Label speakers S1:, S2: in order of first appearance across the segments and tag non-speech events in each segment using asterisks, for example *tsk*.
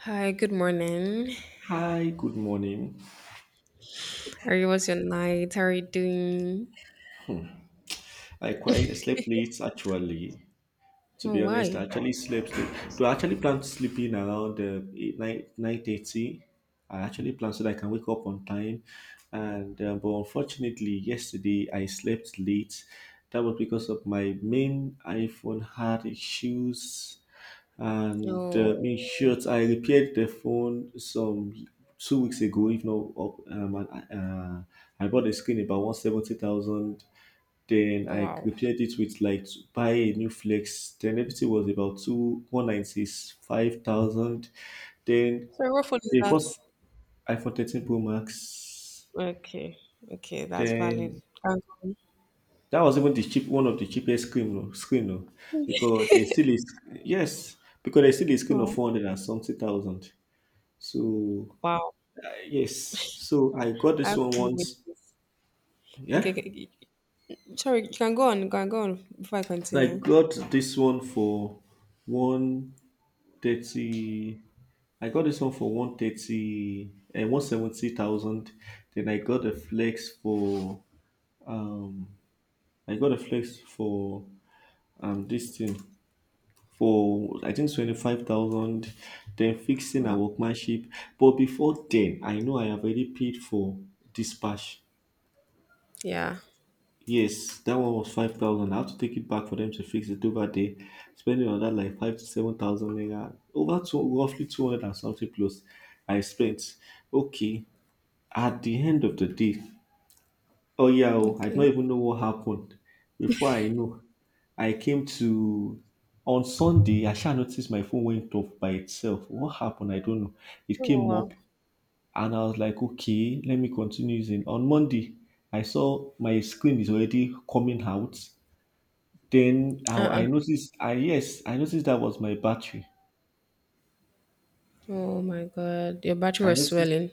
S1: Hi, good morning.
S2: Hi, good morning.
S1: How you, was your night? How are you doing?
S2: I quite slept late actually. To
S1: Oh,
S2: be honest, I
S1: why?
S2: actually slept late. Do I actually plan to sleep in around 8, nine, 9:30? I actually plan so that I can wake up on time. And but unfortunately, yesterday I slept late. That was because of my main iPhone had issues. And
S1: Oh,
S2: In short, I repaired the phone some 2 weeks ago, if not up. And, uh, I bought the screen about 170,000, then I
S1: wow.
S2: repaired it with like to buy a new flex. Then everything was about two one ninety five thousand. Then
S1: So what phone is
S2: the first
S1: that?
S2: iPhone 13 Pro Max.
S1: Okay, okay, that's valid.
S2: Then
S1: Can go on.
S2: that was even the cheap one of the cheapest screen oh, because they still is, yes, because they still is screen of
S1: Wow.
S2: 400 and something thousand. So
S1: Wow.
S2: yes, so I got
S1: I
S2: this
S1: have
S2: one
S1: fun with
S2: once.
S1: this. Okay,
S2: Yeah,
S1: okay, sorry, you can go on, you can go on before I
S2: so I
S1: continue.
S2: got this one for one. 30 I got this one for 130 and 170,000. Then I got a flex for um I got a flex for this thing for I think 25,000. Then fixing a
S1: Wow.
S2: workmanship. But before then, I know I have already paid for dispatch.
S1: Yeah.
S2: Yes, that one was 5,000. I have to take it back for them to fix it over there. Spending on that like 5 to 7,000 naira, over two, roughly 200 and something plus. I spent. Okay, at the end of the day, oh yeah, oh, I don't
S1: Okay.
S2: even know what happened. Before I know, I came to on Sunday. I shall noticed my phone went off by itself. What happened? I don't know. It
S1: Oh,
S2: came
S1: wow.
S2: up, and I was like, okay, let me continue using. On Monday, I saw my screen is already coming out, then I,
S1: Uh-uh.
S2: I noticed, I, yes, I noticed that was my battery.
S1: Oh my God, your battery
S2: I
S1: was
S2: noticed,
S1: swelling.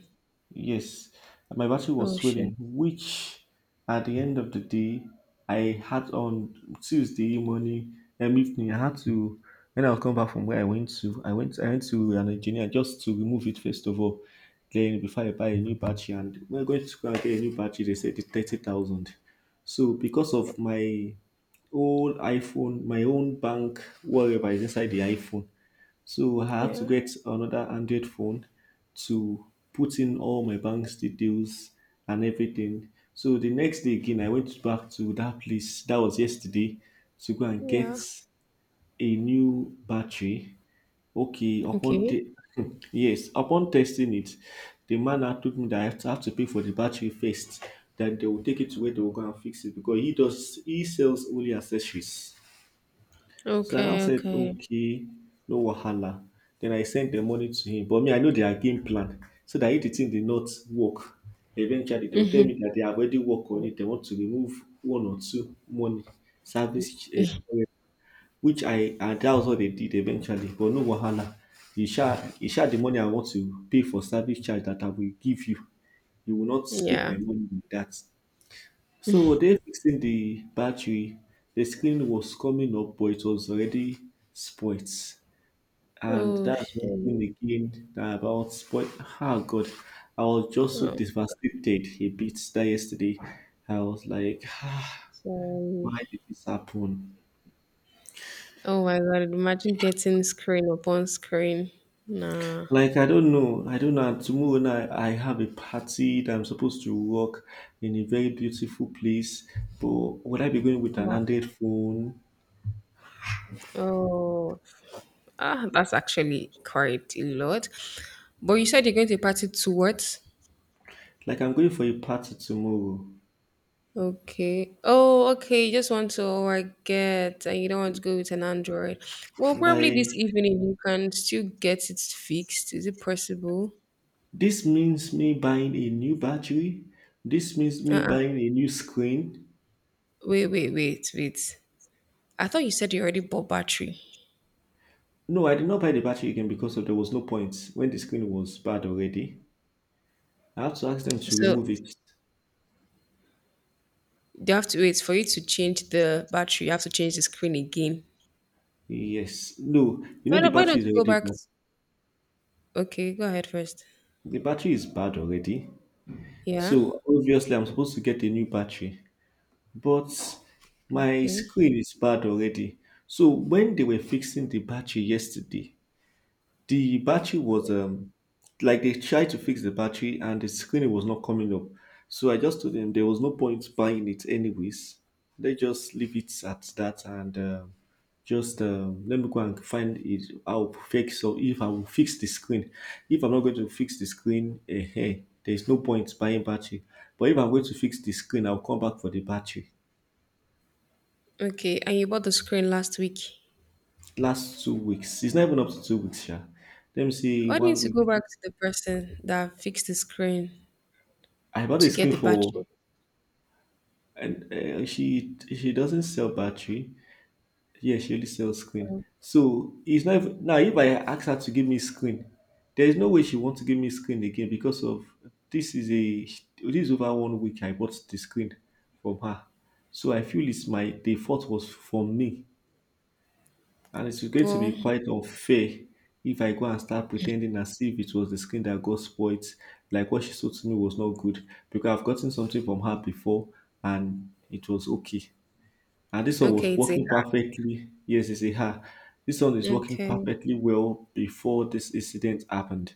S2: yes, my battery was
S1: Oh
S2: swelling,
S1: shit.
S2: which at the end of the day, I had on Tuesday morning and evening, I had to, when I was coming back from where I went to, I went to an engineer just to remove it first of all. Then before I buy a new battery, and we're going to go and get a new battery, they said it's 30,000. So because of my old iPhone, my own bank, whatever is inside the iPhone. So I had to
S1: Yeah.
S2: get another Android phone to put in all my bank's details and everything. So the next day again, I went back to that place. That was yesterday to go and get
S1: Yeah.
S2: a new battery. Okay, upon
S1: Okay.
S2: te- *laughs* yes, upon testing it, the man had told me that have to pay for the battery first. Then they will take it to where they will go and fix it because he sells only accessories. So I now
S1: Okay.
S2: said,
S1: Okay.
S2: okay, no wahala. Then I sent the money to him. But me, I know their game plan. So that if the thing did not work, eventually they'll tell me that they have already worked on it. They want to remove one or two money service, eh, which I, and that was what they did eventually. But no wahala. You share the money I want to pay for service charge that I will give you. You will not take
S1: Yeah.
S2: my money with that. So were they fixing the battery? The screen was coming up, but it was already spoilt. And
S1: Oh
S2: that's one thing
S1: shit.
S2: again that about spoil. Ah, God, I was just so
S1: Oh,
S2: devastated a bit that yesterday. I was like, ah, why
S1: sorry.
S2: did this happen?
S1: Oh my god, imagine getting screen upon screen. Nah.
S2: Like I don't know. And tomorrow night I have a party that I'm supposed to work in a very beautiful place, but would I be going with an
S1: Wow.
S2: Android phone?
S1: Oh ah, that's actually quite a lot. But you said you're going to a party to what?
S2: Like I'm going for a party tomorrow.
S1: Okay. Oh, okay. You just want to, oh, I get, and you don't want to go with an Android. Well, probably
S2: Like
S1: this evening you can still get it fixed. Is it possible?
S2: this means me buying a new battery. This means me
S1: Uh-uh.
S2: buying a new screen.
S1: Wait, wait, wait, wait. I thought you said you already bought battery.
S2: No, I did not buy the battery again because of there was no point when the screen was bad already. I had to ask them to
S1: So
S2: remove it.
S1: you have to wait for you to change the battery. You have to change the screen again.
S2: Yes. No, you
S1: Why
S2: know the
S1: don't, why
S2: battery
S1: don't
S2: is
S1: you go
S2: already
S1: back?
S2: bad.
S1: Okay, go ahead first.
S2: The battery is bad already.
S1: Yeah.
S2: So obviously I'm supposed to get a new battery. But my
S1: Okay.
S2: screen is bad already. So when they were fixing the battery yesterday, the battery was like they tried to fix the battery and the screen was not coming up. So I just told them there was no point buying it anyways. They just leave it at that and just let me go and find it. I'll fix or if I will fix the screen. If I'm not going to fix the screen, eh, there's no point buying battery. But if I'm going to fix the screen, I'll come back for the battery.
S1: Okay. And you bought the screen last week.
S2: Last 2 weeks, it's not even up to 2 weeks, yeah. Let me see,
S1: Why
S2: one
S1: didn't you go
S2: week.
S1: back to the person that fixed the screen
S2: I bought
S1: to
S2: a
S1: get
S2: screen
S1: the
S2: for
S1: battery?
S2: and she doesn't sell battery. Yeah, she only sells screen. So it's not even, now if I ask her to give me screen, there is no way she wants to give me screen again because of this is a this is over 1 week I bought the screen from her. So I feel it's my the fault was from me, and it's going to
S1: Well,
S2: be quite unfair if I go and start pretending as if it was the screen that got spoiled, like what she sold to me was not good because I've gotten something from her before and it was okay and this one was
S1: okay, it's a
S2: working
S1: hack.
S2: perfectly. Yes, they say, ha, this one is working
S1: Okay.
S2: perfectly well before this incident happened.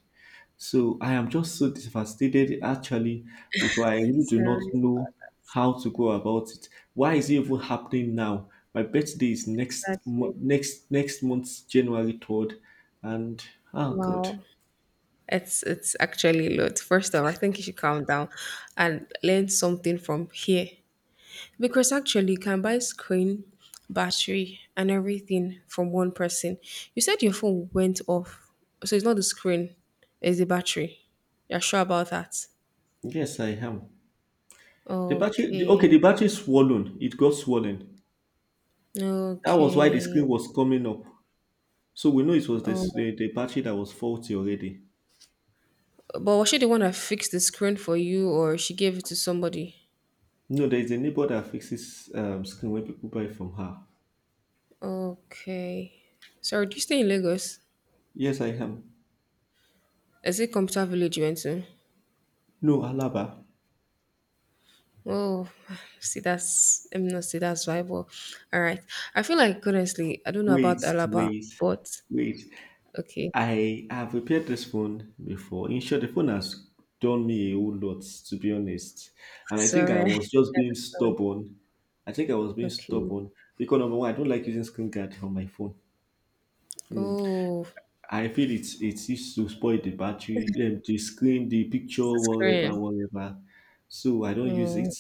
S2: So I am just so devastated actually because I really do
S1: Sorry
S2: not know
S1: about
S2: how to go about it. Why is it even happening now? My birthday is next
S1: that.
S2: mo- next next month, January 3rd, and oh god,
S1: Wow. It's actually a lot. First of all, I think you should calm down and learn something from here. Because actually, you can buy screen, battery, and everything from one person. You said your phone went off. So it's not the screen, it's the battery. You're sure about that?
S2: yes I am. Okay,
S1: Okay.
S2: the battery is swollen. It got swollen. That was why the
S1: Okay.
S2: screen was coming up. So we know it was
S1: Oh,
S2: the battery that was faulty already.
S1: but was she the one that fixed the screen for you, or she gave it to somebody?
S2: No, there is a neighbor that fixes screen when people buy from her.
S1: Okay. Sorry, do you stay in Lagos?
S2: Yes, I am.
S1: Is it Computer Village you went to?
S2: No, Alaba.
S1: Oh, *sighs* see, that's I'm not see that's why. But all right, I feel like honestly, I don't know about
S2: Wait,
S1: Alaba,
S2: wait,
S1: but
S2: wait.
S1: okay,
S2: I have repaired this phone before. In short, the phone has done me a whole lot, to be honest. And I think I
S1: sorry, *laughs* I
S2: was just being
S1: understand.
S2: stubborn. I think I was being
S1: Okay.
S2: stubborn because number one, I don't like using screen guard on my phone. Hmm.
S1: Oh,
S2: I feel it's used to spoil the battery, the screen, the picture,
S1: it's the screen.
S2: whatever, whatever. So I don't use
S1: Oh,
S2: it.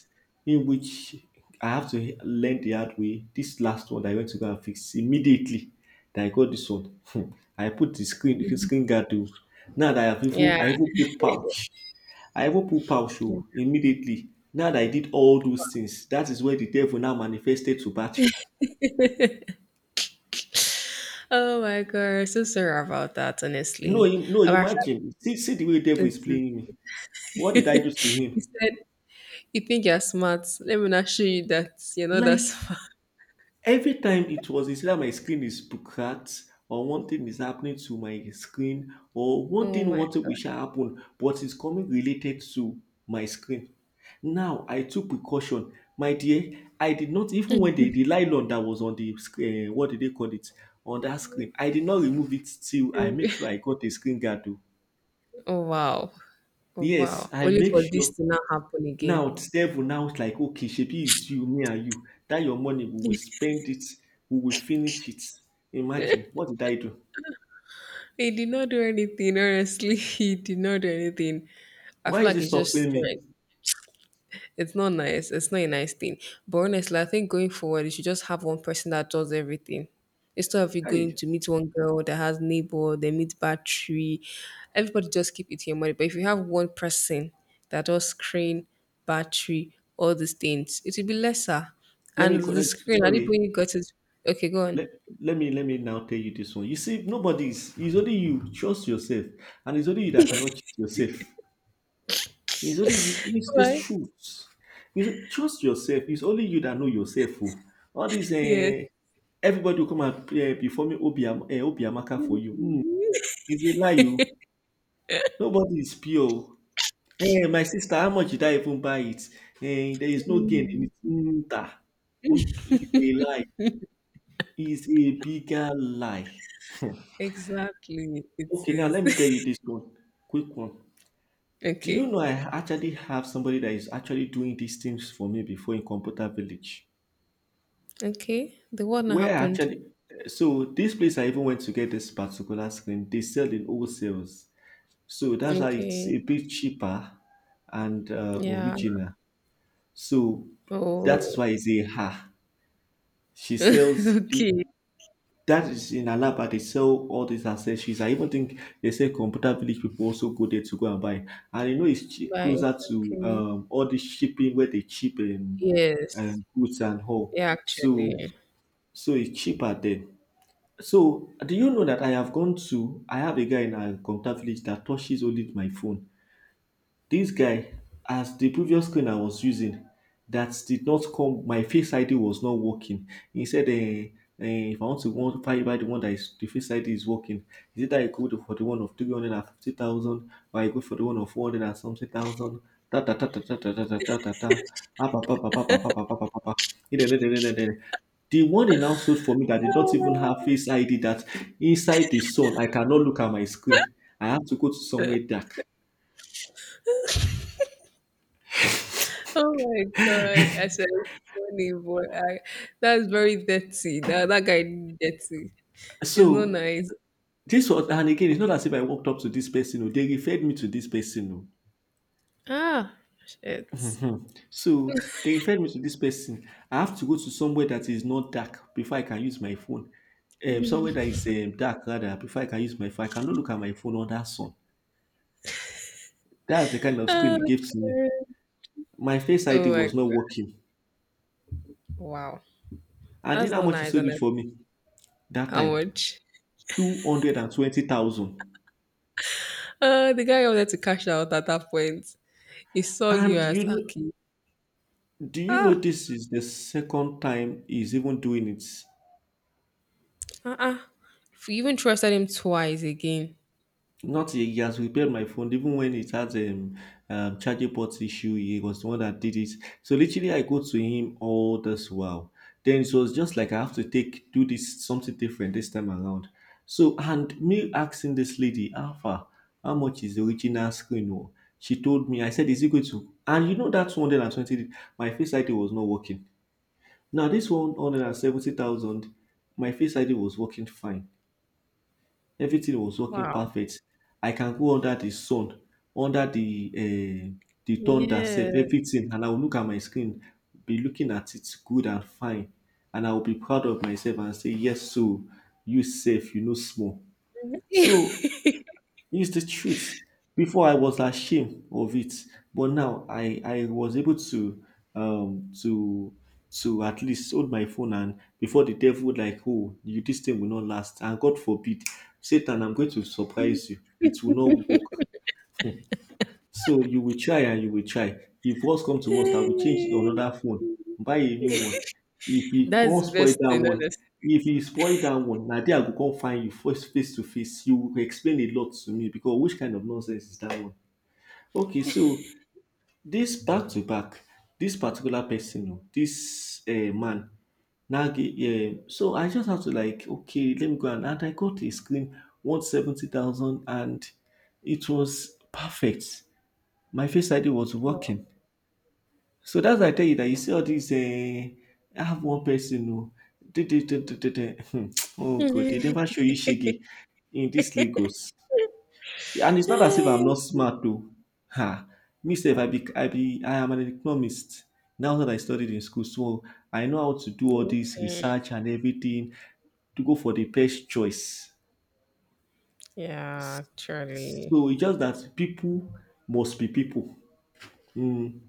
S2: In which I have to he- learn the hard way. This last one that I went to go and fix immediately. That I got this one. Hmm. I put the screen guard too. Now that
S1: yeah.
S2: I even put pouch. I even put pouch oh, immediately. Now that I did all those things, that is where the devil now manifested to battery. *laughs*
S1: Oh my God, so sorry about that.
S2: No,
S1: Honestly,
S2: im- no,
S1: I felt
S2: imagine. See, see the way devil
S1: it.
S2: is playing me.
S1: *laughs*
S2: What did I do to
S1: You
S2: him?
S1: said you think you're smart. Let me not show you that you're not that *laughs*
S2: Like
S1: smart.
S2: every time it was, it's either my screen is cracked or one thing is happening to my screen or one
S1: Oh
S2: thing
S1: my
S2: wanted which happen, but it's coming related to my screen. Now I took precaution, my dear. I did not even when the nylon that was on the screen, what did they call it, on that screen. I did not remove it till I
S1: God.
S2: make sure
S1: *laughs*
S2: I got a screen guard, oh.
S1: Oh wow. Oh, wow.
S2: Yes, I
S1: Only
S2: make
S1: for this
S2: sure.
S1: to not happen again.
S2: Now it's devil now it's like okay, shebi it's you, me and you. That your money, we will spend it, we will finish it. Imagine, what did I do?
S1: He did not do anything, honestly. *laughs* He did not do anything. I
S2: Why
S1: feel
S2: is
S1: like
S2: it
S1: it's just
S2: suffering me?
S1: strength. It's not nice. It's not a nice thing. But honestly, I think going forward, you should just have one person that does everything. Instead of you going
S2: Hey,
S1: to meet one girl that has neighbor, they meet battery, everybody just keep eating your money. But if you have one person that does screen, battery, all these things, it will be lesser.
S2: let
S1: And
S2: me call.
S1: the
S2: Let me-
S1: screen, at the
S2: Sorry,
S1: point you got it, okay, go on.
S2: let, let me now tell you this one. You see, nobody's. It's only you. Trust yourself, and it's only you that cannot cheat yourself. It's only you. It's the
S1: Right?
S2: truth. It's, trust yourself. It's only you that know yourself, oh. All these,
S1: Yes,
S2: everybody will come and perform Obiam, Obiamaka for you. Mm, it's a lie. You? Nobody is pure. Eh, my sister, how much did I even buy it? Eh, there is no gain in it. Nta. Unt- It's a lie. It's a bigger lie.
S1: exactly. It
S2: Okay, now
S1: is.
S2: let me tell
S1: *laughs*
S2: you this one. Quick one. Do you
S1: Okay.
S2: know I actually have somebody that is actually doing these things for me before in Computer Village?
S1: Okay. The one that
S2: Where I
S1: happened.
S2: actually, eh, so this place I even went to get this particular screen, they sell in wholesales. So that's why it's
S1: Okay.
S2: a bit cheaper and
S1: Yeah.
S2: original. So that's
S1: Oh.
S2: why I say, ha, she sells the,
S1: *laughs* Okay.
S2: that is in Alaba. They sell all these accessories. I even think they say Computer Village people also go there to go and buy. And you know, it's cheap,
S1: Right.
S2: closer to
S1: Okay.
S2: all the shipping where they cheap
S1: Yes.
S2: goods and all.
S1: Yeah,
S2: So,
S1: actually. *laughs*
S2: so it's cheaper there. So, do you know that I have gone to? I have a guy in a Computer Village that touches only my phone. This guy, as the previous screen I was using that did not come, my Face ID was not working. He said, if I want to buy the one that is the Face ID is working, is it that I go for the one of 350,000 or I go for the one of 400 and something thousand? Ta ta ta ta ta ta ta ta ta ta. Ah, pa, pa, pa, pa, pa, pa, pa, pa, pa, pa. Eh, eh, eh, eh, eh, eh. The one he now sold for me that did not
S1: Ah,
S2: even have Face ID, that inside the sun, I cannot look at my screen. I have to go to somewhere dark.
S1: oh my god. I said it's funny boy. That's very dirty. That guy dirty. It's not
S2: So,
S1: nice.
S2: this was, and again, it's not as if I walked up to this person. Oh, they referred me to this person. Oh.
S1: Ah shit.
S2: Mhm. So they referred me to this person. I have to go to somewhere that is not dark before I can use my phone. Somewhere that is dark rather before I can use my phone. I cannot look at my phone under sun. That's the kind
S1: *laughs*
S2: of screen
S1: Oh,
S2: it gave to me.
S1: God.
S2: My face
S1: Oh
S2: ID
S1: my
S2: was not
S1: god.
S2: working.
S1: Wow.
S2: And do you
S1: That's
S2: know how
S1: not
S2: much he
S1: nice,
S2: sold it
S1: honest.
S2: for me that
S1: How
S2: time?
S1: much?
S2: 220,000.
S1: Uh, the guy wanted to cash out at that point. He saw you
S2: And
S1: as Aki.
S2: do you know
S1: Ah,
S2: this is the second time he's even doing it?
S1: uh-uh. If you even trusted him twice again.
S2: Not he has repaired my phone even when it has a charging port issue. He was the one that did it. So literally, I go to him all this while. Then it was just like I have to take do this something different this time around. So and me asking this lady, Alpha, how much is the original screen, oh? She told me. I said, is it going to? And you know that 220, my face ID was not working. Now this 170,000, my face ID was working fine. Everything was working
S1: Wow.
S2: perfect. I can go under the sun, under the thunder sef,
S1: Yeah.
S2: everything, and I will look at my screen, be looking at it good and fine, and I will be proud of myself and say, yes, so you safe, you know small.
S1: *laughs*
S2: So it's the truth. Before I was ashamed of it, but now I was able to um to at least hold my phone. And before, the devil would like, oh, you, this thing will not last, and God forbid, Satan, I'm going to surprise you, it will not work, so you will try and you will try. If worst come to worst, I will change another phone, buy a new one, If he
S1: That's
S2: come spoil that
S1: vesting,
S2: one,
S1: honestly.
S2: if he spoil that one, na there I go come find you first face to face. You will explain a lot to me, because which kind of nonsense is that one? Okay, so this back to back, this particular person, oh, this man, Nagi, yeah. So I just have to like, okay, let me go and I got a screen, 170,000, and it was perfect, my face ID was
S1: Wow.
S2: working. So that's why I tell you that you see all these. I have one person who did it, did it, did it. Hmm. Oh God! They never show you shege in this Lagos, and it's not as if I'm not
S1: *laughs*
S2: smart though. Ha! Me sef, I am an economist. Now that I studied in school, so I know how to do all this
S1: Okay.
S2: research and everything to go for the best choice.
S1: Yeah, actually.
S2: So it's just that people must be people. Mm.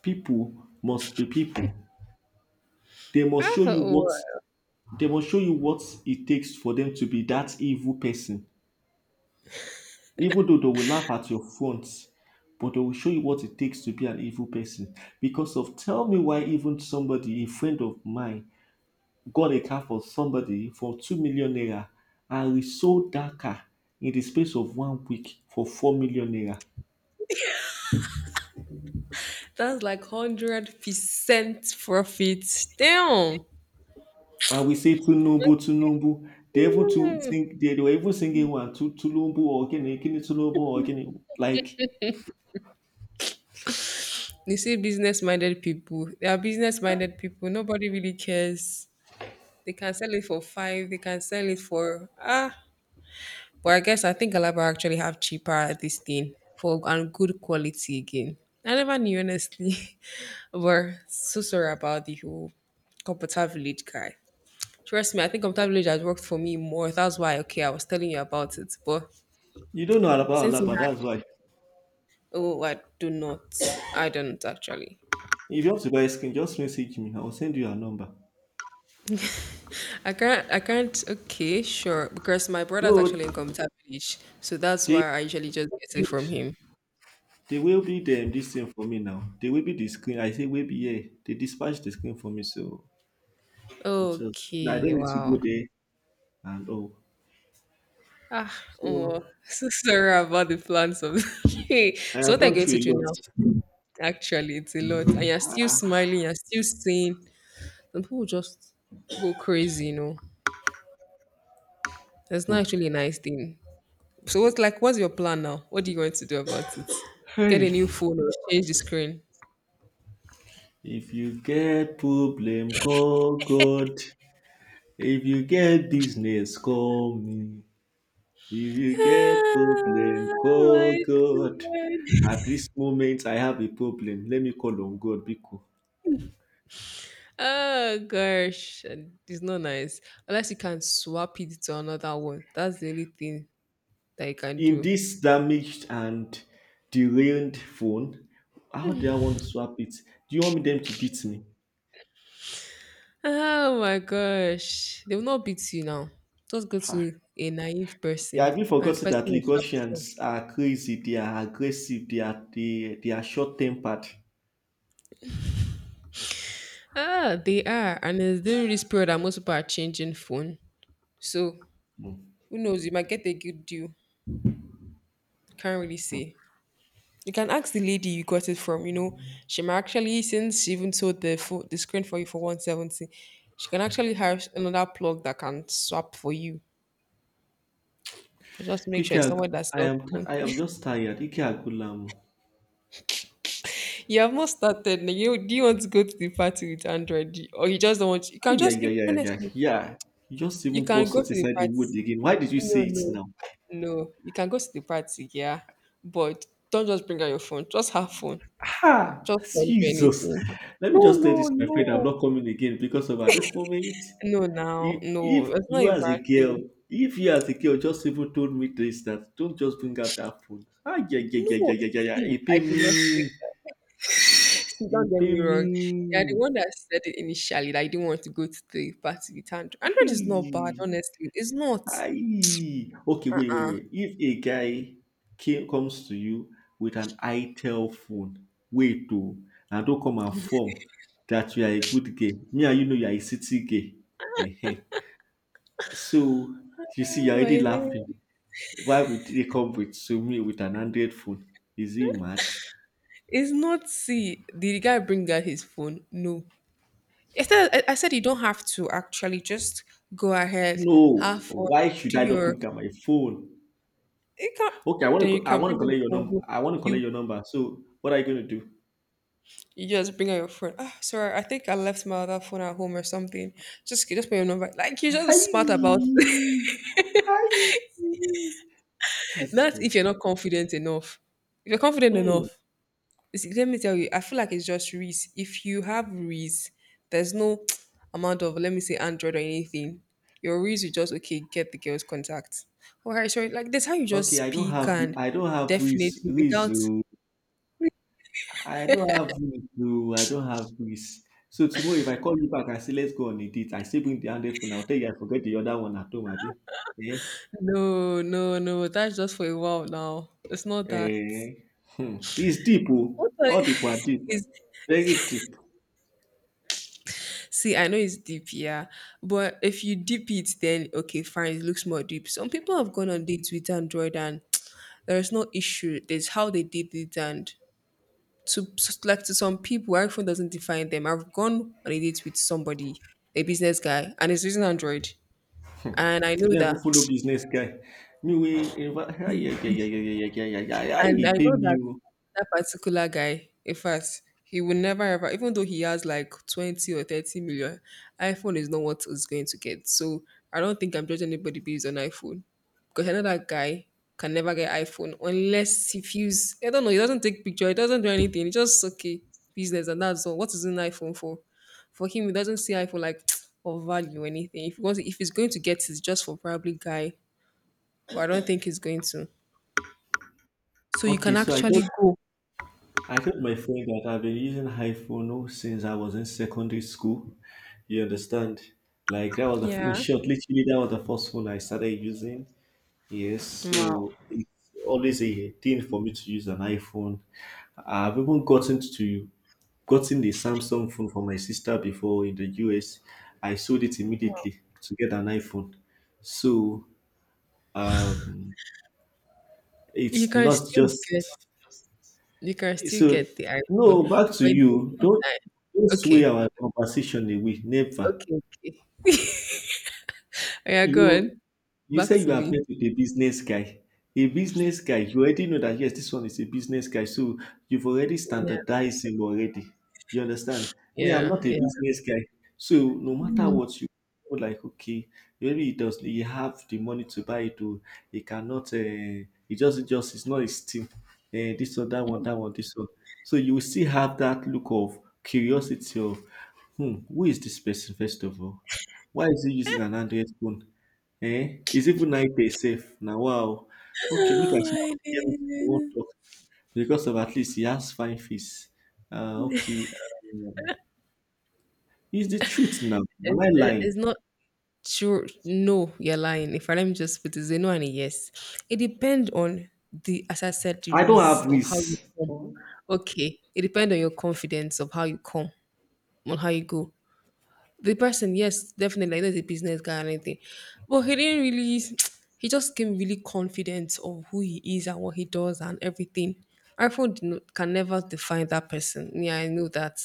S2: People must be people. They must show you
S1: Oh,
S2: what
S1: wow.
S2: they must show you what it takes for them to be that evil person. Even though they will laugh at your front, but they will show you what it takes to be an evil person. Because of tell me why, even somebody, a friend of mine, got a car for somebody for 2 million naira, and we sold that car in the space of one week for 4 million naira.
S1: That's like 100% profit. Damn.
S2: And we say Tunubu, Tunubu. They even to
S1: Hmm.
S2: sing, they were even singing one to Tulumbu or Gini, Gini Tulumbu or Gini. Like,
S1: You see, business-minded people. They are business-minded people. Nobody really cares. They can sell it for five. They can sell it for ah. But I guess I think Alaba actually have cheaper this thing for and good quality again. I never knew honestly. *laughs* But so sorry about the whole Computer Village guy. Trust me, I think Computer Village has worked for me more. That's why okay, I was telling you about it. But
S2: you don't know about
S1: since he
S2: Alaba, that's
S1: had
S2: why.
S1: oh I do not. I don't actually.
S2: If you want to buy skin, just message me. I will send you a number.
S1: I can't okay, sure. Because my brother's actually in
S2: No,
S1: Computer Village. So that's
S2: they
S1: why I usually just
S2: build,
S1: get it from him.
S2: they will be them this thing for me now. They will be the screen, I say will be, yeah. They dispatch the screen for me, so it's just I
S1: Okay,
S2: don't need to go
S1: wow.
S2: there and all.
S1: Ah, oh,
S2: So
S1: so sorry about the plans of
S2: I
S1: *laughs* So
S2: have
S1: what are you
S2: gone
S1: going
S2: through
S1: to do now?
S2: a
S1: Actually, it's a lot. And you're still smiling, you're still saying some people just go crazy, you know. That's not
S2: lot.
S1: actually a nice thing. So what's like what's your plan now? What are you going to do about it?
S2: Hmm.
S1: Get a new
S2: Hey.
S1: phone or change the screen?
S2: If you get problem, call God. If you get business, call me. If you get problem,
S1: Oh
S2: call
S1: my
S2: God.
S1: god.
S2: At this moment, I have a problem. Let me call on God Biko.
S1: Oh gosh, and it's not nice. Unless you can swap it to another one. That's the only thing that you can
S2: In
S1: do.
S2: this damaged and derailed phone, how do I want to swap it? Do you want me them to beat me?
S1: Oh my gosh. They will not beat you now. Just go
S2: Ha.
S1: to a naive
S2: Yeah,
S1: person
S2: have you
S1: and the
S2: forgotten
S1: person
S2: that
S1: will swap his phone.
S2: Lagosians are crazy? They are aggressive. They are short tempered.
S1: Ah, they are. And it's during this period that most people are changing phone. So
S2: Mm.
S1: who knows? You might get a good deal. Can't really say. You can ask the lady you got it from, you know. She might actually, since she even sold the phone, the screen for you for 170, she can actually have another plug that can swap for you. But just make sure
S2: Ike
S1: it's someone
S2: Ag-
S1: that
S2: I
S1: sells
S2: am
S1: phone.
S2: I am just tired. Ike Agula.
S1: You have not started. Like, you, do you want to go to the party with Android? Or you just don't want you can
S2: Yeah,
S1: just
S2: yeah, yeah, yeah,
S1: honestly
S2: yeah. You just
S1: you
S2: even pour
S1: can go to
S2: salt
S1: the
S2: inside the
S1: party.
S2: wood again. Why did you
S1: No,
S2: say it
S1: no,
S2: now?
S1: no. You can go to the party, yeah. But don't just bring out your phone. Just have fun.
S2: Ah,
S1: Just don't do
S2: Jesus.
S1: anything.
S2: Let me
S1: No,
S2: just tell
S1: no,
S2: this, my friend, I'm
S1: no.
S2: not coming again, because of at this moment,
S1: No now.
S2: if
S1: No. It's not
S2: you
S1: a
S2: as a
S1: bad
S2: girl,
S1: thing.
S2: if you as a girl just even told me this, that don't just bring out that phone. Ah, yeah, yeah, yeah, yeah,
S1: No,
S2: yeah, yeah, yeah.
S1: see,
S2: It
S1: I
S2: pay
S1: did not say.
S2: me.
S1: See, don't
S2: It
S1: get
S2: pay
S1: me wrong. You're the
S2: me.
S1: one that said it initially that I didn't want to go to the party with Android. Android is not bad,
S2: Aye.
S1: honestly. It's not.
S2: Aye. Okay, wait, wait,
S1: Uh,
S2: wait. If a guy comes to you with an ITEL phone, wait to and don't come and form that you are a good gay. Me and you know you are a city gay. Ehen. So you see,
S1: oh
S2: you're already
S1: my days.
S2: laughing. Why would they come with to me with an Android phone? Is he mad?
S1: It's not see. Did the guy bring out his phone? No. Instead, I said you don't have to actually just go ahead, have
S2: No.
S1: fun,
S2: Why should
S1: do
S2: I not
S1: your.
S2: bring out my phone?
S1: You can
S2: Okay,
S1: then you
S2: I
S1: can
S2: want to
S1: bring out your
S2: collect your
S1: phone.
S2: number. I want to
S1: You
S2: collect your number. So what are you going to do?
S1: you just bring out your phone. Ah, sorry, I think I left my other phone at home or something. Just put your number. Like you're just smart about
S2: Hi.
S1: it.
S2: Hi.
S1: *laughs* Not if
S2: Jesus.
S1: you're not confident enough. If you're confident
S2: Hmm.
S1: enough, see, let me tell you, I feel like it's just Reese. If you have Reese, there's no *tsk* amount of let me say Android or anything. Your Reese, you just okay, get the girl's contact. All right, sorry. Like that's how you just
S2: Okay,
S1: speak and
S2: I don't have who is
S1: definitely
S2: who is
S1: without
S2: who. I don't have who is who. I don't have who is. So tomorrow if I call you back, I say let's go on a date, I still bring the handed phone. I'll tell you I forget the other one at home, Abi. Eh?
S1: no, no, no. That's just for a while now. It's not that.
S2: Eh? Hmm. It's deep, oh.
S1: What
S2: All deep are
S1: the-
S2: deep.
S1: *laughs* is
S2: Very deep.
S1: see, I know it's deep, yeah. But if you deep it, then okay, fine, it looks more deep. Some people have gone on dates with Android and *tsk* there's no issue. There's how they did it and to like to some people, iPhone doesn't define them. I've gone on a date with somebody, a business guy, and he's using Android, and I
S2: You
S1: know
S2: don't even follow
S1: that
S2: business guy. Me we yeah yeah yeah yeah yeah yeah yeah yeah. Yeah, yeah,
S1: and
S2: he
S1: I
S2: pay
S1: know
S2: me,
S1: that
S2: oh.
S1: that particular guy, in fact, he will never ever, even though he has like 20 or 30 million, iPhone is not what he's going to get. So I don't think I'm judging anybody based on iPhone. Because I know that guy can never get iPhone unless he feels, I don't know, he doesn't take picture, he doesn't do anything. He just, okay, business and that's all. What is an iPhone for? For him, he doesn't see iPhone like *tsk* or value or anything. If he wants, if he's going to get it, it's just for probably guy. But I don't think he's going to. So you
S2: Okay,
S1: can
S2: so I
S1: actually
S2: don't
S1: go
S2: I told my friend that I've been using iPhone since I was in secondary school. You understand? Like, that was the in
S1: yeah.
S2: short, literally that was the first phone I started using. Yes,
S1: Wow.
S2: so it's always a thing for me to use an iPhone. I've even gotten the Samsung phone for my sister before in the US. I sold it immediately to get an iPhone. So uh,
S1: You
S2: it's
S1: can
S2: not
S1: still get
S2: just
S1: you can still
S2: So
S1: get the iPhone.
S2: no, back to
S1: But in the
S2: you.
S1: meantime,
S2: Don't sway
S1: okay,
S2: our conversation away. Never.
S1: okay, okay. Oh, yeah, go
S2: You
S1: on.
S2: you
S1: Back
S2: say
S1: to
S2: you
S1: me.
S2: appear to be a business guy. A business guy, you already know that yes, this one is a business guy. So you've already
S1: Yeah,
S2: standardized him already. You understand? Me, I'm
S1: yeah,
S2: not a
S1: yeah.
S2: business guy. So no matter
S1: Mm.
S2: what you feel like, okay, maybe he have the money to buy it, or he cannot he just it just it's not his thing. This one, that one, that one, this one. So you will still have that look of curiosity of, who is this person first of all? Why is he using an Android phone? Eh? It's even now pay safe. Now wow. Okay, make
S1: Oh
S2: I sha
S1: my
S2: hear wetin you wan
S1: days.
S2: talk, because of at least he has fine fees. Okay. It's the truth now. Am
S1: It's,
S2: I lying?
S1: it's not sure. No, you're lying. If I let me just put it, it's a no and a yes. It depends on the, as I said, the
S2: I don't
S1: risk
S2: have
S1: of how you
S2: this.
S1: come. Okay, it depends on your confidence of how you come, on how you go. The person, yes, definitely, I know he's a business guy and anything, but he didn't really. *tsk* He just came really confident of who he is and what he does and everything. iPhone did not, can never define that person. Yeah, I know that.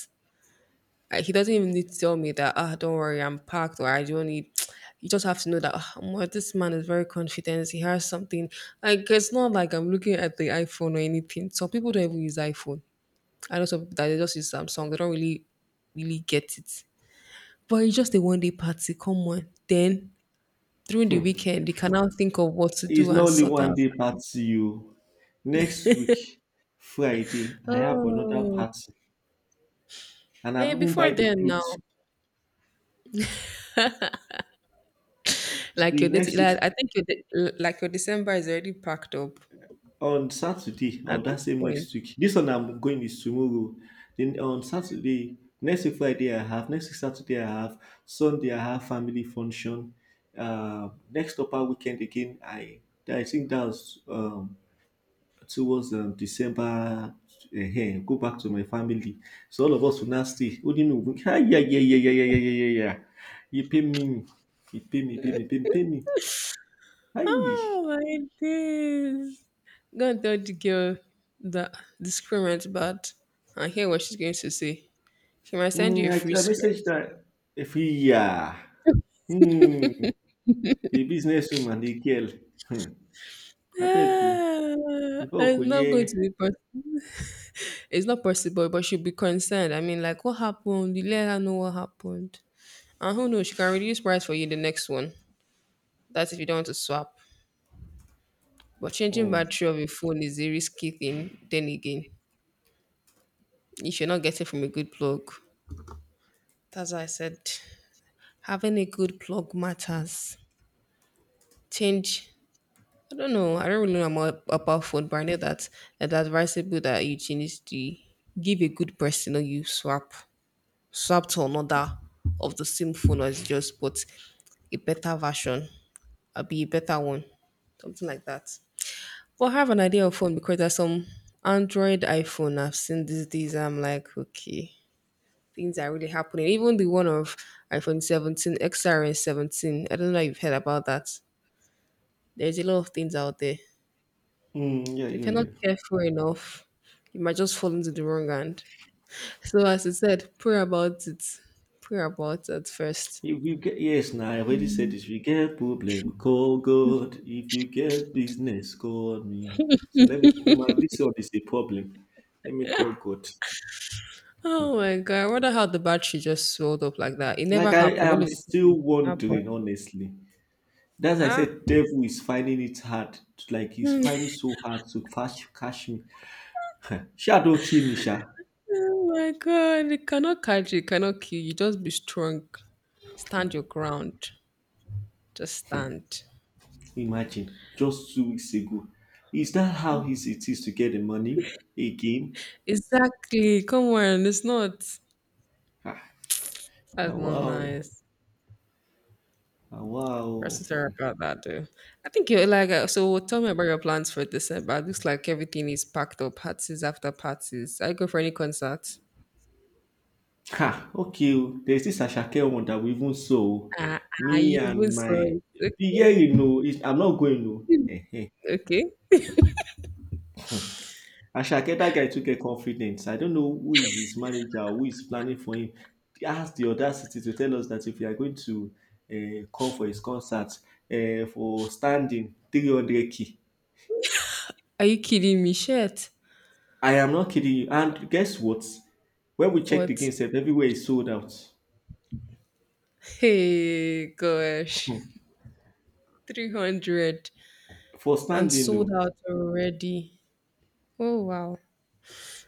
S1: Like, he doesn't even need to tell me that. Ah, don't worry, I'm packed, or I don't need. *tsk* You just have to know that "Ah, Omo, this man is very confident. He has something. Like it's not like I'm looking at the iPhone or anything. Some people don't even use iPhone. I know some people that they just use Samsung. They don't really get it. But it's just a one day party, come on. Then during the weekend, you can now think of what to
S2: It's
S1: do and
S2: not only
S1: sort
S2: one
S1: out.
S2: day party. You. Next week Friday, I have another
S1: Oh,
S2: party, and I've even
S1: before
S2: buy the
S1: then now,
S2: clothes.
S1: like your
S2: The
S1: date,
S2: next week
S1: like, I think like your December is already packed up
S2: On Saturday
S1: at
S2: of that
S1: this
S2: same
S1: point.
S2: next week, this one I'm going is tomorrow. Then on Saturday, next week Friday I have, next week Saturday I have, Sunday I have family function. Next upper weekend again, I think that's towards December. Go back to my family. So all of us will now stay. Oh, yeah, yeah, yeah, yeah, yeah, yeah, yeah, yeah, yeah. You pay me, you pay me, pay me, pay me, pay me. Hi.
S1: Oh my days! Go and tell the girl that the screen went bad. I hear what she's going to say. She might send you a
S2: I,
S1: free
S2: I
S1: screen.
S2: messaged that if he yeah. um A businesswoman, the girl. Hmm. Abeg you? Before we go
S1: I'm not going
S2: hear.
S1: to be. It's not possible, but she'll be concerned. I mean, like, what happened? You let her know what happened. And who knows, she can reduce price for you the next one. That's if you don't want to swap. But changing
S2: Hmm.
S1: battery of a phone is a risky thing, then again. If you're not getting from a good plug. That's why I said having a good plug matters. Change I don't really know more about phone, but I know that it's advisable that you change the give a good person or you swap, swapped to another of the same phone, or it's just but a better version. I'll be a better one, something like that. But I have an idea of phone because there's some Android iPhone I've seen these days. I'm like, okay, things are really happening. Even the one of iPhone 17 XRS 17, I don't know if you've heard about that. There's a lot of things out there.
S2: Hmm, yeah,
S1: So if
S2: yeah,
S1: you're not
S2: yeah.
S1: careful enough, you might just fall into the wrong hand. So as I said, pray about it, pray about it first.
S2: If you get yes now, I already said this: if you get problem, call God; if you get business, call me. So let me kukuma, this one is a problem, let me call God. Hmm,
S1: Oh my god! I wonder how the battery just swelled up like that. It never
S2: Like I
S1: happened. All
S2: am
S1: of a
S2: still
S1: sudden, it happened.
S2: wondering, honestly. That's why I
S1: Ah.
S2: said devil is finding it hard, like he's finding so hard to cash me. *laughs* Sha don kill me sha.
S1: Oh my god! It cannot catch you. It cannot kill you. Just be strong. Stand your ground. Just stand.
S2: Imagine, just 2 weeks ago. Is that how easy it is to get the money again?
S1: Exactly. Come on. It's not.
S2: Ah, ah,
S1: That's not
S2: wow.
S1: nice.
S2: Ah,
S1: We're
S2: wow.
S1: so sorry about that, though. I think you're like Tell me about your plans for December. It looks like everything is packed up. Parties after parties. Are you going for any concerts?
S2: Ha, okay. Oh, There's this Ashake one that we even saw.
S1: Ah, ah,
S2: Me
S1: you even
S2: and
S1: saw
S2: my.
S1: it. Okay.
S2: Yeah, it's, I'm not going to. Eh.
S1: Okay.
S2: Ashake, that guy took a confidence. I don't know who is his manager, who is planning for him. He has the audacity to tell us that if we are going to come for his concert, for standing, 300k.
S1: Are you kidding me? Shit.
S2: I am not kidding you. And guess what? When we checked
S1: What?
S2: again, sef, everywhere is sold out
S1: Hey, gosh. 300
S2: for
S1: and
S2: standing.
S1: sold
S2: No,
S1: out already. Oh, wow.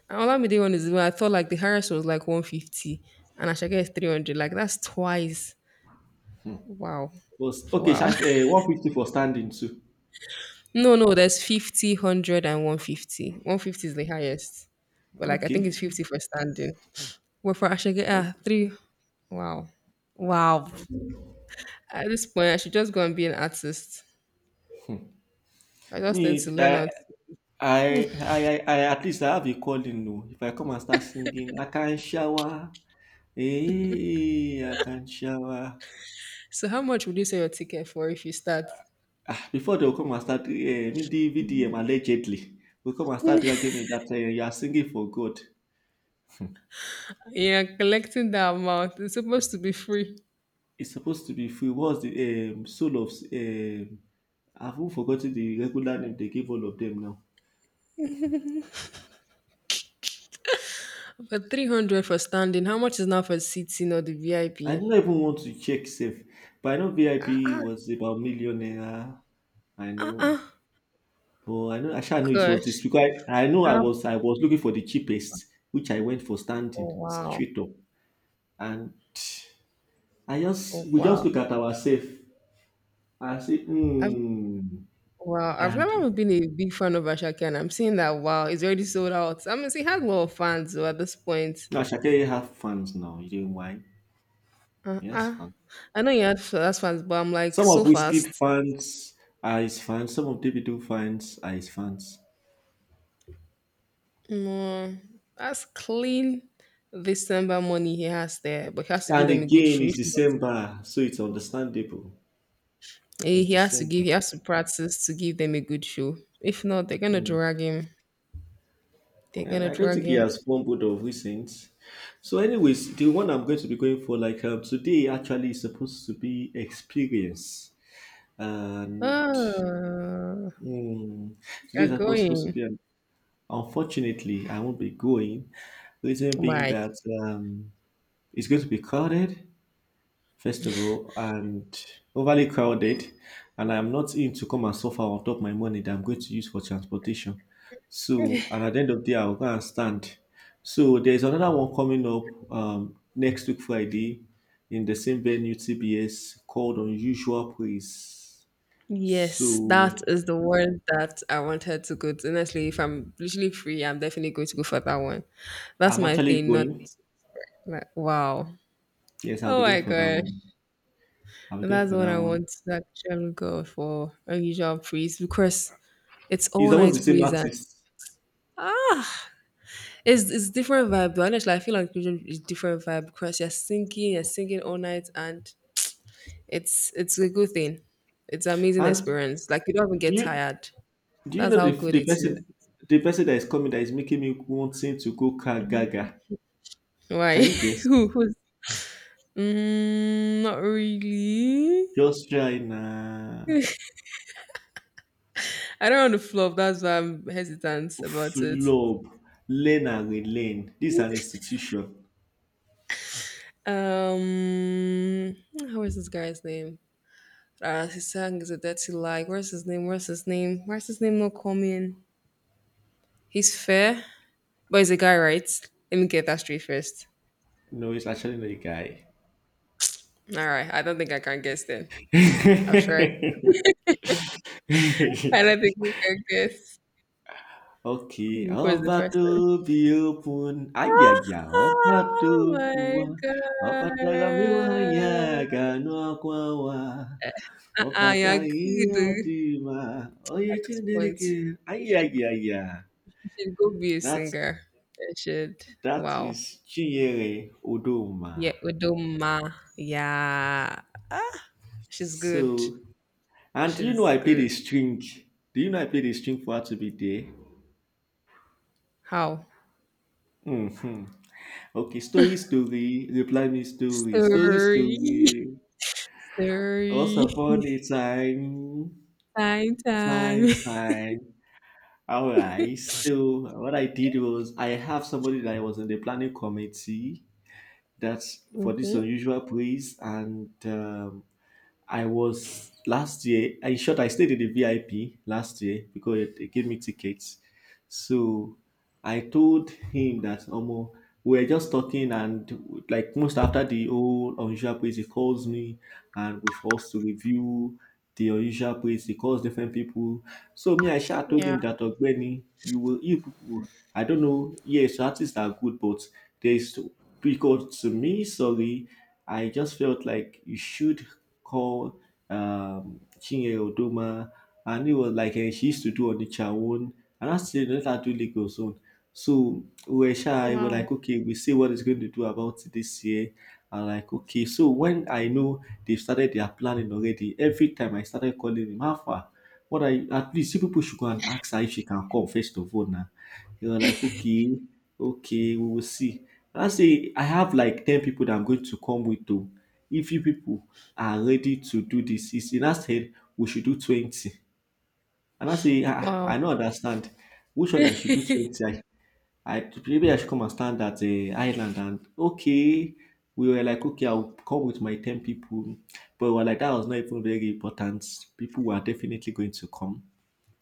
S1: And Olamide one is, I thought like the Harris was like 150 and Ashake is 300. Like that's twice. Wow.
S2: was okay.
S1: Wow.
S2: 150 for standing too.
S1: *laughs* No, no, there's 50, 150. 150 is the highest. But like, I think it's
S2: Okay.
S1: 50 for standing. Well, for Ashake, ah, three. Wow. Wow. At this point, I should just go and be an artist. I just
S2: Me,
S1: need to learn how.
S2: at least I have a calling. No, if I come and start singing, I can shower. Hey, I can shower.
S1: So how much would you sell your ticket for if you start?
S2: Ah, before they will come and start, me, the allegedly, will come and start dragging
S1: *laughs*
S2: me that you are singing for God.
S1: Yeah, collecting that amount. It's supposed to be free.
S2: It's supposed to be free. What's the soul of I've even forgotten the regular name they gave all of them now.
S1: But 300 for standing. How much is now for seating or the
S2: I did
S1: VIP?
S2: not even want to check safe, but I know
S1: Ah,
S2: VIP
S1: ah,
S2: was about millionaire. I
S1: ah,
S2: know,
S1: ah.
S2: but I know, I sure know it was this
S1: Gosh.
S2: because I know I
S1: Ah,
S2: was I was looking for the cheapest, which I went for
S1: oh,
S2: standing
S1: wow.
S2: straight up, and I
S1: Oh,
S2: just we just
S1: wow.
S2: look at our safe. I say,
S1: I've,
S2: hmm.
S1: wow. I've
S2: And
S1: never been a big fan of Ashake, and I'm seeing that, wow, it's already sold out. I mean, she had a lot of fans though, at this point.
S2: now Shakira have fans now. You know why?
S1: Ah,
S2: Yes,
S1: ah.
S2: fans.
S1: I know that's fans, but I'm like,
S2: Some
S1: so
S2: of Whiskey
S1: fast.
S2: fans are his fans. Some of Davido fans are his fans.
S1: Mm, that's clean. December money he has there, but he has to give
S2: And
S1: them a good
S2: again,
S1: show.
S2: it's
S1: If not,
S2: December, so it's understandable.
S1: eh,
S2: It's December.
S1: he has to practice to give them a good show. If not, they're gonna drag him. They're
S2: And
S1: gonna
S2: I don't
S1: drag
S2: think he
S1: him.
S2: has fumbled of recent. So, anyways, the one I'm going to be going for, like, today, actually, is supposed to be experience. And
S1: Oh,
S2: mm, today
S1: you're
S2: is supposed to
S1: going.
S2: be. Unfortunately, I won't be going. Reason being
S1: Why?
S2: that um, it's going to be crowded. Festival and overly crowded, and I'm not in to come and suffer on top my money that I'm going to use for transportation. So, and at the end of the day, I'll go and stand. So there's another one coming up next week Friday, in the same venue TBS, called Unusual Praise.
S1: Yes,
S2: So
S1: that is the word that I wanted to go to. Honestly, if I'm literally free, I'm definitely going to go for that one. That's
S2: I'm
S1: my
S2: actually
S1: thing. Not
S2: going.
S1: like wow.
S2: Yes, I'll
S1: Oh
S2: be
S1: my
S2: going for that
S1: gosh.
S2: one. I'll be
S1: And
S2: going
S1: that's
S2: for
S1: what
S2: that
S1: I
S2: one.
S1: want to actually go for a usual breeze because it's
S2: It's
S1: all
S2: almost
S1: night
S2: the same
S1: breeze and
S2: artist.
S1: it's different vibe. But honestly, I feel like usual is different vibe because you're singing all night, and it's a good thing. It's an amazing
S2: And
S1: experience. Like you don't even
S2: do
S1: get
S2: you
S1: tired.
S2: do you
S1: That's
S2: know
S1: how good it is.
S2: the person that is coming, that is making me wanting to go car gaga?
S1: Why?
S2: Can you
S1: *laughs*
S2: guess?
S1: Who? Who's? Mm, not really.
S2: Just try na.
S1: *laughs* I don't want to flop. That's why I'm hesitant about it.
S2: Flub, learn and relearn. This is an institution.
S1: Um, how is this guy's name? His song is a dirty lie. Where's his name? Where's his name? Where's his name not coming? He's fair, but he's a guy, right? Let me get that straight first.
S2: No, it's actually not a guy.
S1: All right, I don't think I can guess then. I've tried. I don't think we can guess
S2: *laughs* Okay,
S1: who is the
S2: about
S1: person.
S2: to be open. Ayaya, about to
S1: Oh
S2: be
S1: my
S2: open. About to be
S1: god! Uh-uh,
S2: ọkata
S1: you're
S2: ihe ọ
S1: good
S2: dị ma onye
S1: at this point.
S2: Chineke
S1: You should,
S2: ayaya,
S1: you should go be a
S2: that
S1: singer. You should.
S2: that
S1: Wow.
S2: is Chinyere Odoma.
S1: Yeah, Udoma. Yeah. Ah, she's good.
S2: So, and
S1: She's good.
S2: do you know I played a string for her to be there?
S1: How?
S2: Hmm. Okay, story story, reply me, story story
S1: Story.
S2: story,
S1: *laughs*
S2: once
S1: Story.
S2: upon a
S1: *laughs*
S2: time,
S1: Time, time.
S2: time
S1: *laughs*
S2: time. All right, so what I did was, I have somebody that was in the planning committee, that's for this
S1: Hmm.
S2: unusual praise, and I was last year. In short, I stayed in the VIP last year because they gave me tickets. So I told him that Omo, we were just talking, and like, most after the old unusual place, he calls me, and we forced to review the unusual place. He calls different people. So me, I sha told
S1: Yeah.
S2: him that Ogbeni, you, will you people. I don't know. Yes, artists are good, but there is, because to me, sorry, I just felt like you should called Chinye Odoma, and it was like, eh, she used to do on the own, and I said, let her do Lagos own. So we were shy, we're
S1: Wow.
S2: like, okay, we see what it's going to do about it this year. I'm like, okay, so when I know they've started their planning already, every time I started calling him, how far? What, I at least, you people should go and ask her if she can come first of all now. They were like, okay, okay, we will see. And I say, I have like 10 people that I'm going to come with to, if you people are ready to do this. He now said we should do 20. And I say, ah,
S1: Wow.
S2: I don't understand. Which one I should do
S1: *laughs*
S2: 20? I maybe, I should come and stand at the island and okay. We were like, okay, I'll come with my 10 people. But we were like, that was not even very important. People were definitely going to come.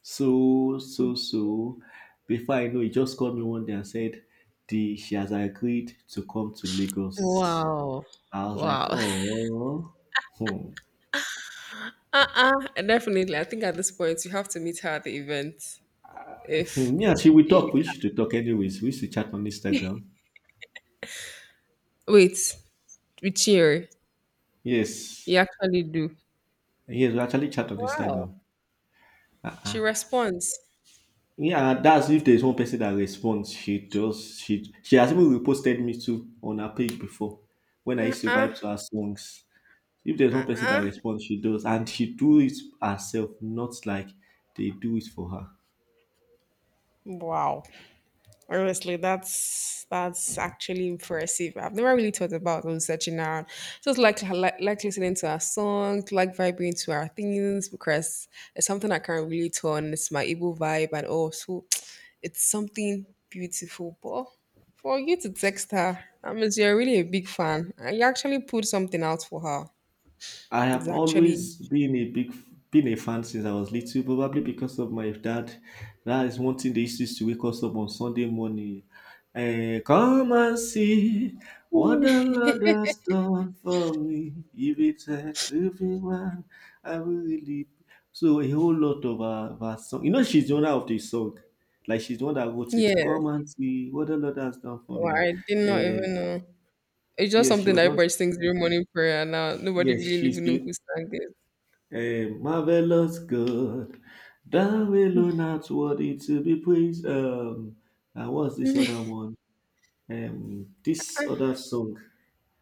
S2: So before I know, he just called me one day and said, she has agreed to come to Lagos.
S1: Wow.
S2: I was like,
S1: Wow. *laughs*
S2: oh, hmm.
S1: Uh-uh. Definitely. I think at this point you have to meet her at the event. If
S2: Hmm, yeah, see, we
S1: you
S2: talk. We used to talk anyways. We used to chat on Instagram.
S1: wait, we cheer.
S2: Yes.
S1: You actually do.
S2: Yes, we actually chat on
S1: Wow.
S2: Instagram.
S1: She
S2: Ah.
S1: responds.
S2: Yeah, and that's, if there's one person that responds, she does. She has even reposted me too on her page before, when I used to vibe to her songs. If there's one person that responds, she does. And she do it herself, not like they do it for her.
S1: Wow. Honestly, that's actually impressive. I've never really thought about researching out. Just like, like listening to our song, like vibing to our things because it's something I can relate on. It's my Igbo vibe and also *tsk* it's something beautiful. But for you to text her, I mean you're really a big fan. And you actually put something out for her.
S2: I
S1: It's
S2: have
S1: actually
S2: always been a fan since I was little, probably because of my dad. That is one thing they used to wake us up on Sunday morning. Eh, come and see what the Lord has done for me. If it had to be one, I will really. So a whole lot of our song. She's the owner of the song. Like, she's the one that wrote it.
S1: yes.
S2: Come and see what the Lord has done for
S1: Well,
S2: me.
S1: I did not
S2: Eh,
S1: even know. It's just
S2: yes, she
S1: something
S2: was
S1: that
S2: not.
S1: everybody sings during morning prayer. Now nobody
S2: Yes,
S1: really
S2: she's
S1: even know
S2: the
S1: who sang
S2: Hey, marvelous God, thou alone art worthy to be praised. And what's this
S1: it.
S2: other
S1: *laughs*
S2: one? This
S1: Ah,
S2: other song.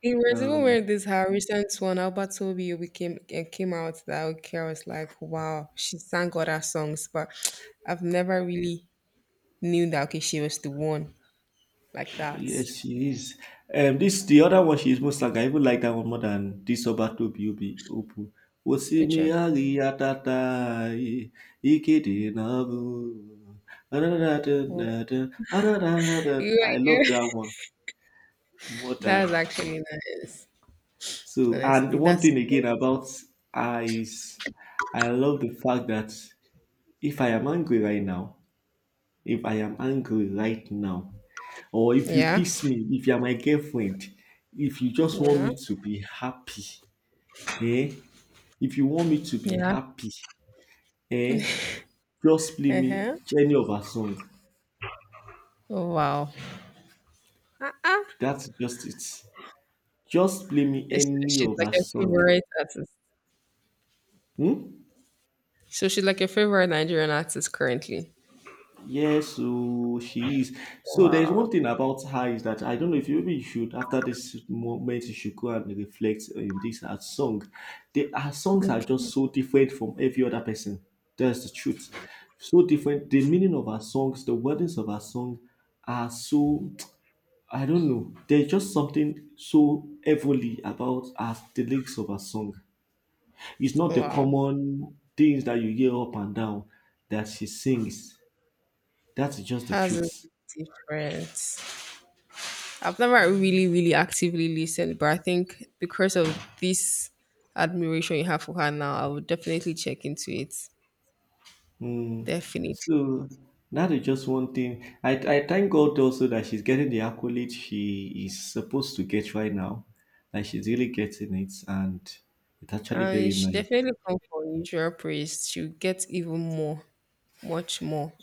S1: it was even
S2: Um,
S1: when this her recent one, Albert Tobio became it came out that okay, I was like, wow, she sang other songs, but *tsk* I've never really knew that okay, she was the one like that.
S2: yes, she is. This the other one. She is most, like, I even like that one more than this Obato Biobi Opu.
S1: Which
S2: Osimi
S1: one?
S2: ari atatai ikede nabu.
S1: Wow. You,
S2: I love
S1: you.
S2: that one more
S1: *laughs* That's
S2: than.
S1: actually nice.
S2: So, and
S1: Honestly,
S2: one
S1: that's
S2: thing again about I, is I love the fact that if I am angry right now, if I am angry right now, or if you
S1: yeah,
S2: piss me, if you are my girlfriend, if you just want
S1: yeah,
S2: me to be happy, eh? If you want me to be
S1: yeah.
S2: happy, eh? Just play me
S1: Uh-huh.
S2: any of our song.
S1: Oh, wow. Uh-uh.
S2: That's just it. Just play me
S1: She-
S2: any
S1: She's
S2: of
S1: like
S2: our
S1: a
S2: song.
S1: favorite artist.
S2: Hmm?
S1: So she's like a favorite Nigerian artist currently.
S2: Yes, so she is. So there is one
S1: Wow.
S2: thing about her, is that I don't know, if you, maybe you should, after this moment, you should go and reflect in this her song. Her songs are just
S1: Okay.
S2: so different from every other person. That's the truth. So different. The meaning of her songs, the wordings of her song are so, *tsk* I don't know. There's just something so heavily about her, the lyrics of her song. It's not the
S1: Wow.
S2: common things that you hear up and down that she sings. That's just the
S1: Has a
S2: truth.
S1: difference. I've never really actively listened, but I think because of this admiration you have for her now, I would definitely check into it.
S2: Mm.
S1: Definitely.
S2: So that is just one thing. I thank God also that she's getting the accolade she is supposed to get right now. Like, she's really getting it, and it's actually
S1: And
S2: very
S1: she
S2: nice.
S1: definitely come for usual praise. She'll get even more, much more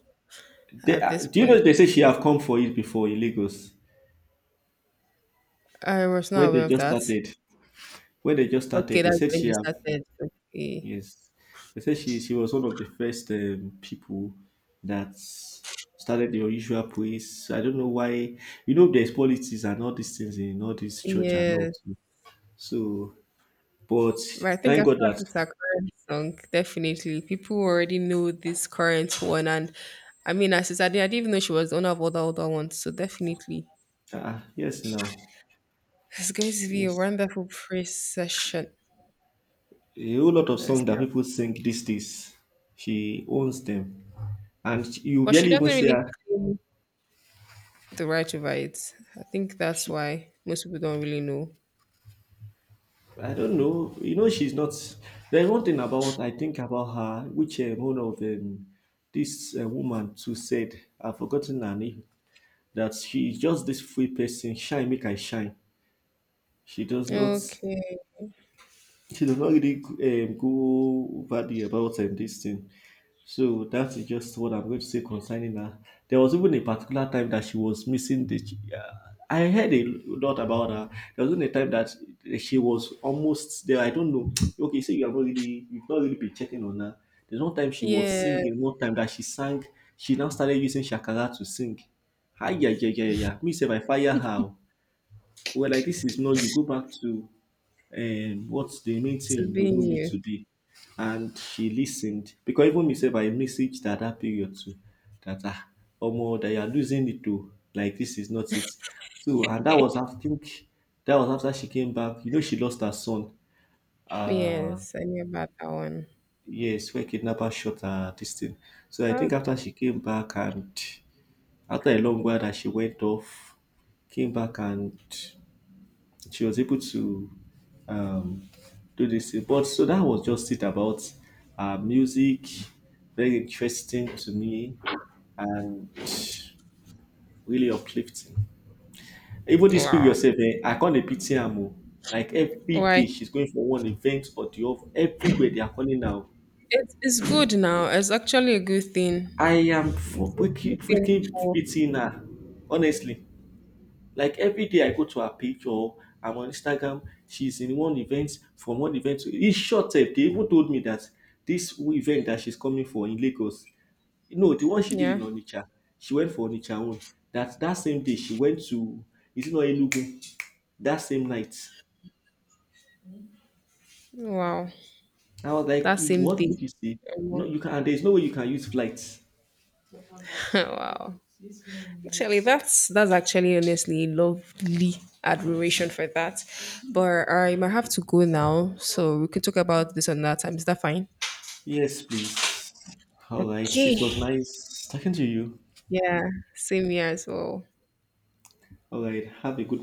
S2: They,
S1: at this
S2: do you
S1: point.
S2: know they say she
S1: Yes.
S2: have come for it before in Lagos
S1: I was not
S2: when they
S1: aware of
S2: just
S1: that.
S2: started? When they just
S1: Okay,
S2: started, they
S1: that's
S2: said
S1: when
S2: she
S1: they
S2: have,
S1: started. Okay.
S2: yes. They said she was one of the first people that started the unusual praise. I don't know why. There's politics and all these things in all these church and all.
S1: Yes.
S2: So, but
S1: But I think
S2: thank God
S1: after
S2: that,
S1: this our current song, definitely people already know this current one and I mean, as I said, I didn't even know she was the owner of all the other ones. So definitely,
S2: ah, yes now,
S1: it's going to be a
S2: yes,
S1: wonderful prayer session.
S2: a whole lot of songs
S1: Honestly,
S2: that people sing these days, she owns them, and you
S1: but she
S2: barely even
S1: doesn't
S2: see
S1: really
S2: her.
S1: claim the right over it. I think that's
S2: She,
S1: why most people don't really know.
S2: I don't know. You know she's not. There's one thing about, I think, about her, which one of this woman too said. I've forgotten her name. That she's just this free person. Shine, make I shine. She does not.
S1: Okay,
S2: She does not really go over the, about this thing. So that's just what I'm going to say concerning her. There was even a particular time that she was missing the. Uh, I heard a lot about her. There was even a time that she was almost there. I don't know. *tsk* Okay, so you've not really been checking on her. There's one time she was
S1: yeah,
S2: singing. One time that she sang, she now started using shakara to sing. Hi, yeah, yeah, yeah, yeah. Me say, I fire her. Oh, well, like, this is no. You go back to what's the main thing,
S1: to
S2: you
S1: be
S2: will know you
S1: you.
S2: to be. And she listened, because even me sef, I messaged her that period too, that ah, omo, that you are losing it too, like this is not it. So, and that was, I think, that was after she came back. You know she lost her son, uh,
S1: Yes, I knew about that one.
S2: yes, where kidnapper shot her this thing. So I
S1: Ah,
S2: think after she came back and, after a long while that she went off, came back, and she was able to um, do this thing. But so that was just it about music. Very interesting to me, and really uplifting. Even this period
S1: wow.
S2: yourself, eh, I call the pity Amo. Like every
S1: Why?
S2: day, she's going for one event or the other. Everywhere they are calling now.
S1: It's good now. It's actually a good thing.
S2: I am for
S1: It's a good
S2: freaking
S1: thing
S2: freaking
S1: for,
S2: pitying her, honestly. Like every day, I go to her page or I'm on Instagram, she's in one event from one event to, it's short. Eh, they even told me that this event that she's coming for in Lagos, no, the one she did in
S1: yeah.
S2: Onitsha, she went for Onitsha one. That same day she went to, is it not Enugu? That same night.
S1: Wow.
S2: I was like,
S1: That
S2: "Eh,
S1: same
S2: what
S1: day.
S2: did you say?" No,
S1: Um,
S2: you can. And there's no way you can use flights.
S1: *laughs* wow. Actually, that's actually honestly lovely admiration for that. But I might have to go now, so we can talk about this another time. Is that fine?
S2: Yes, please. All right.
S1: Okay.
S2: It was nice talking to you.
S1: Yeah, same here as well.
S2: All right. Have a good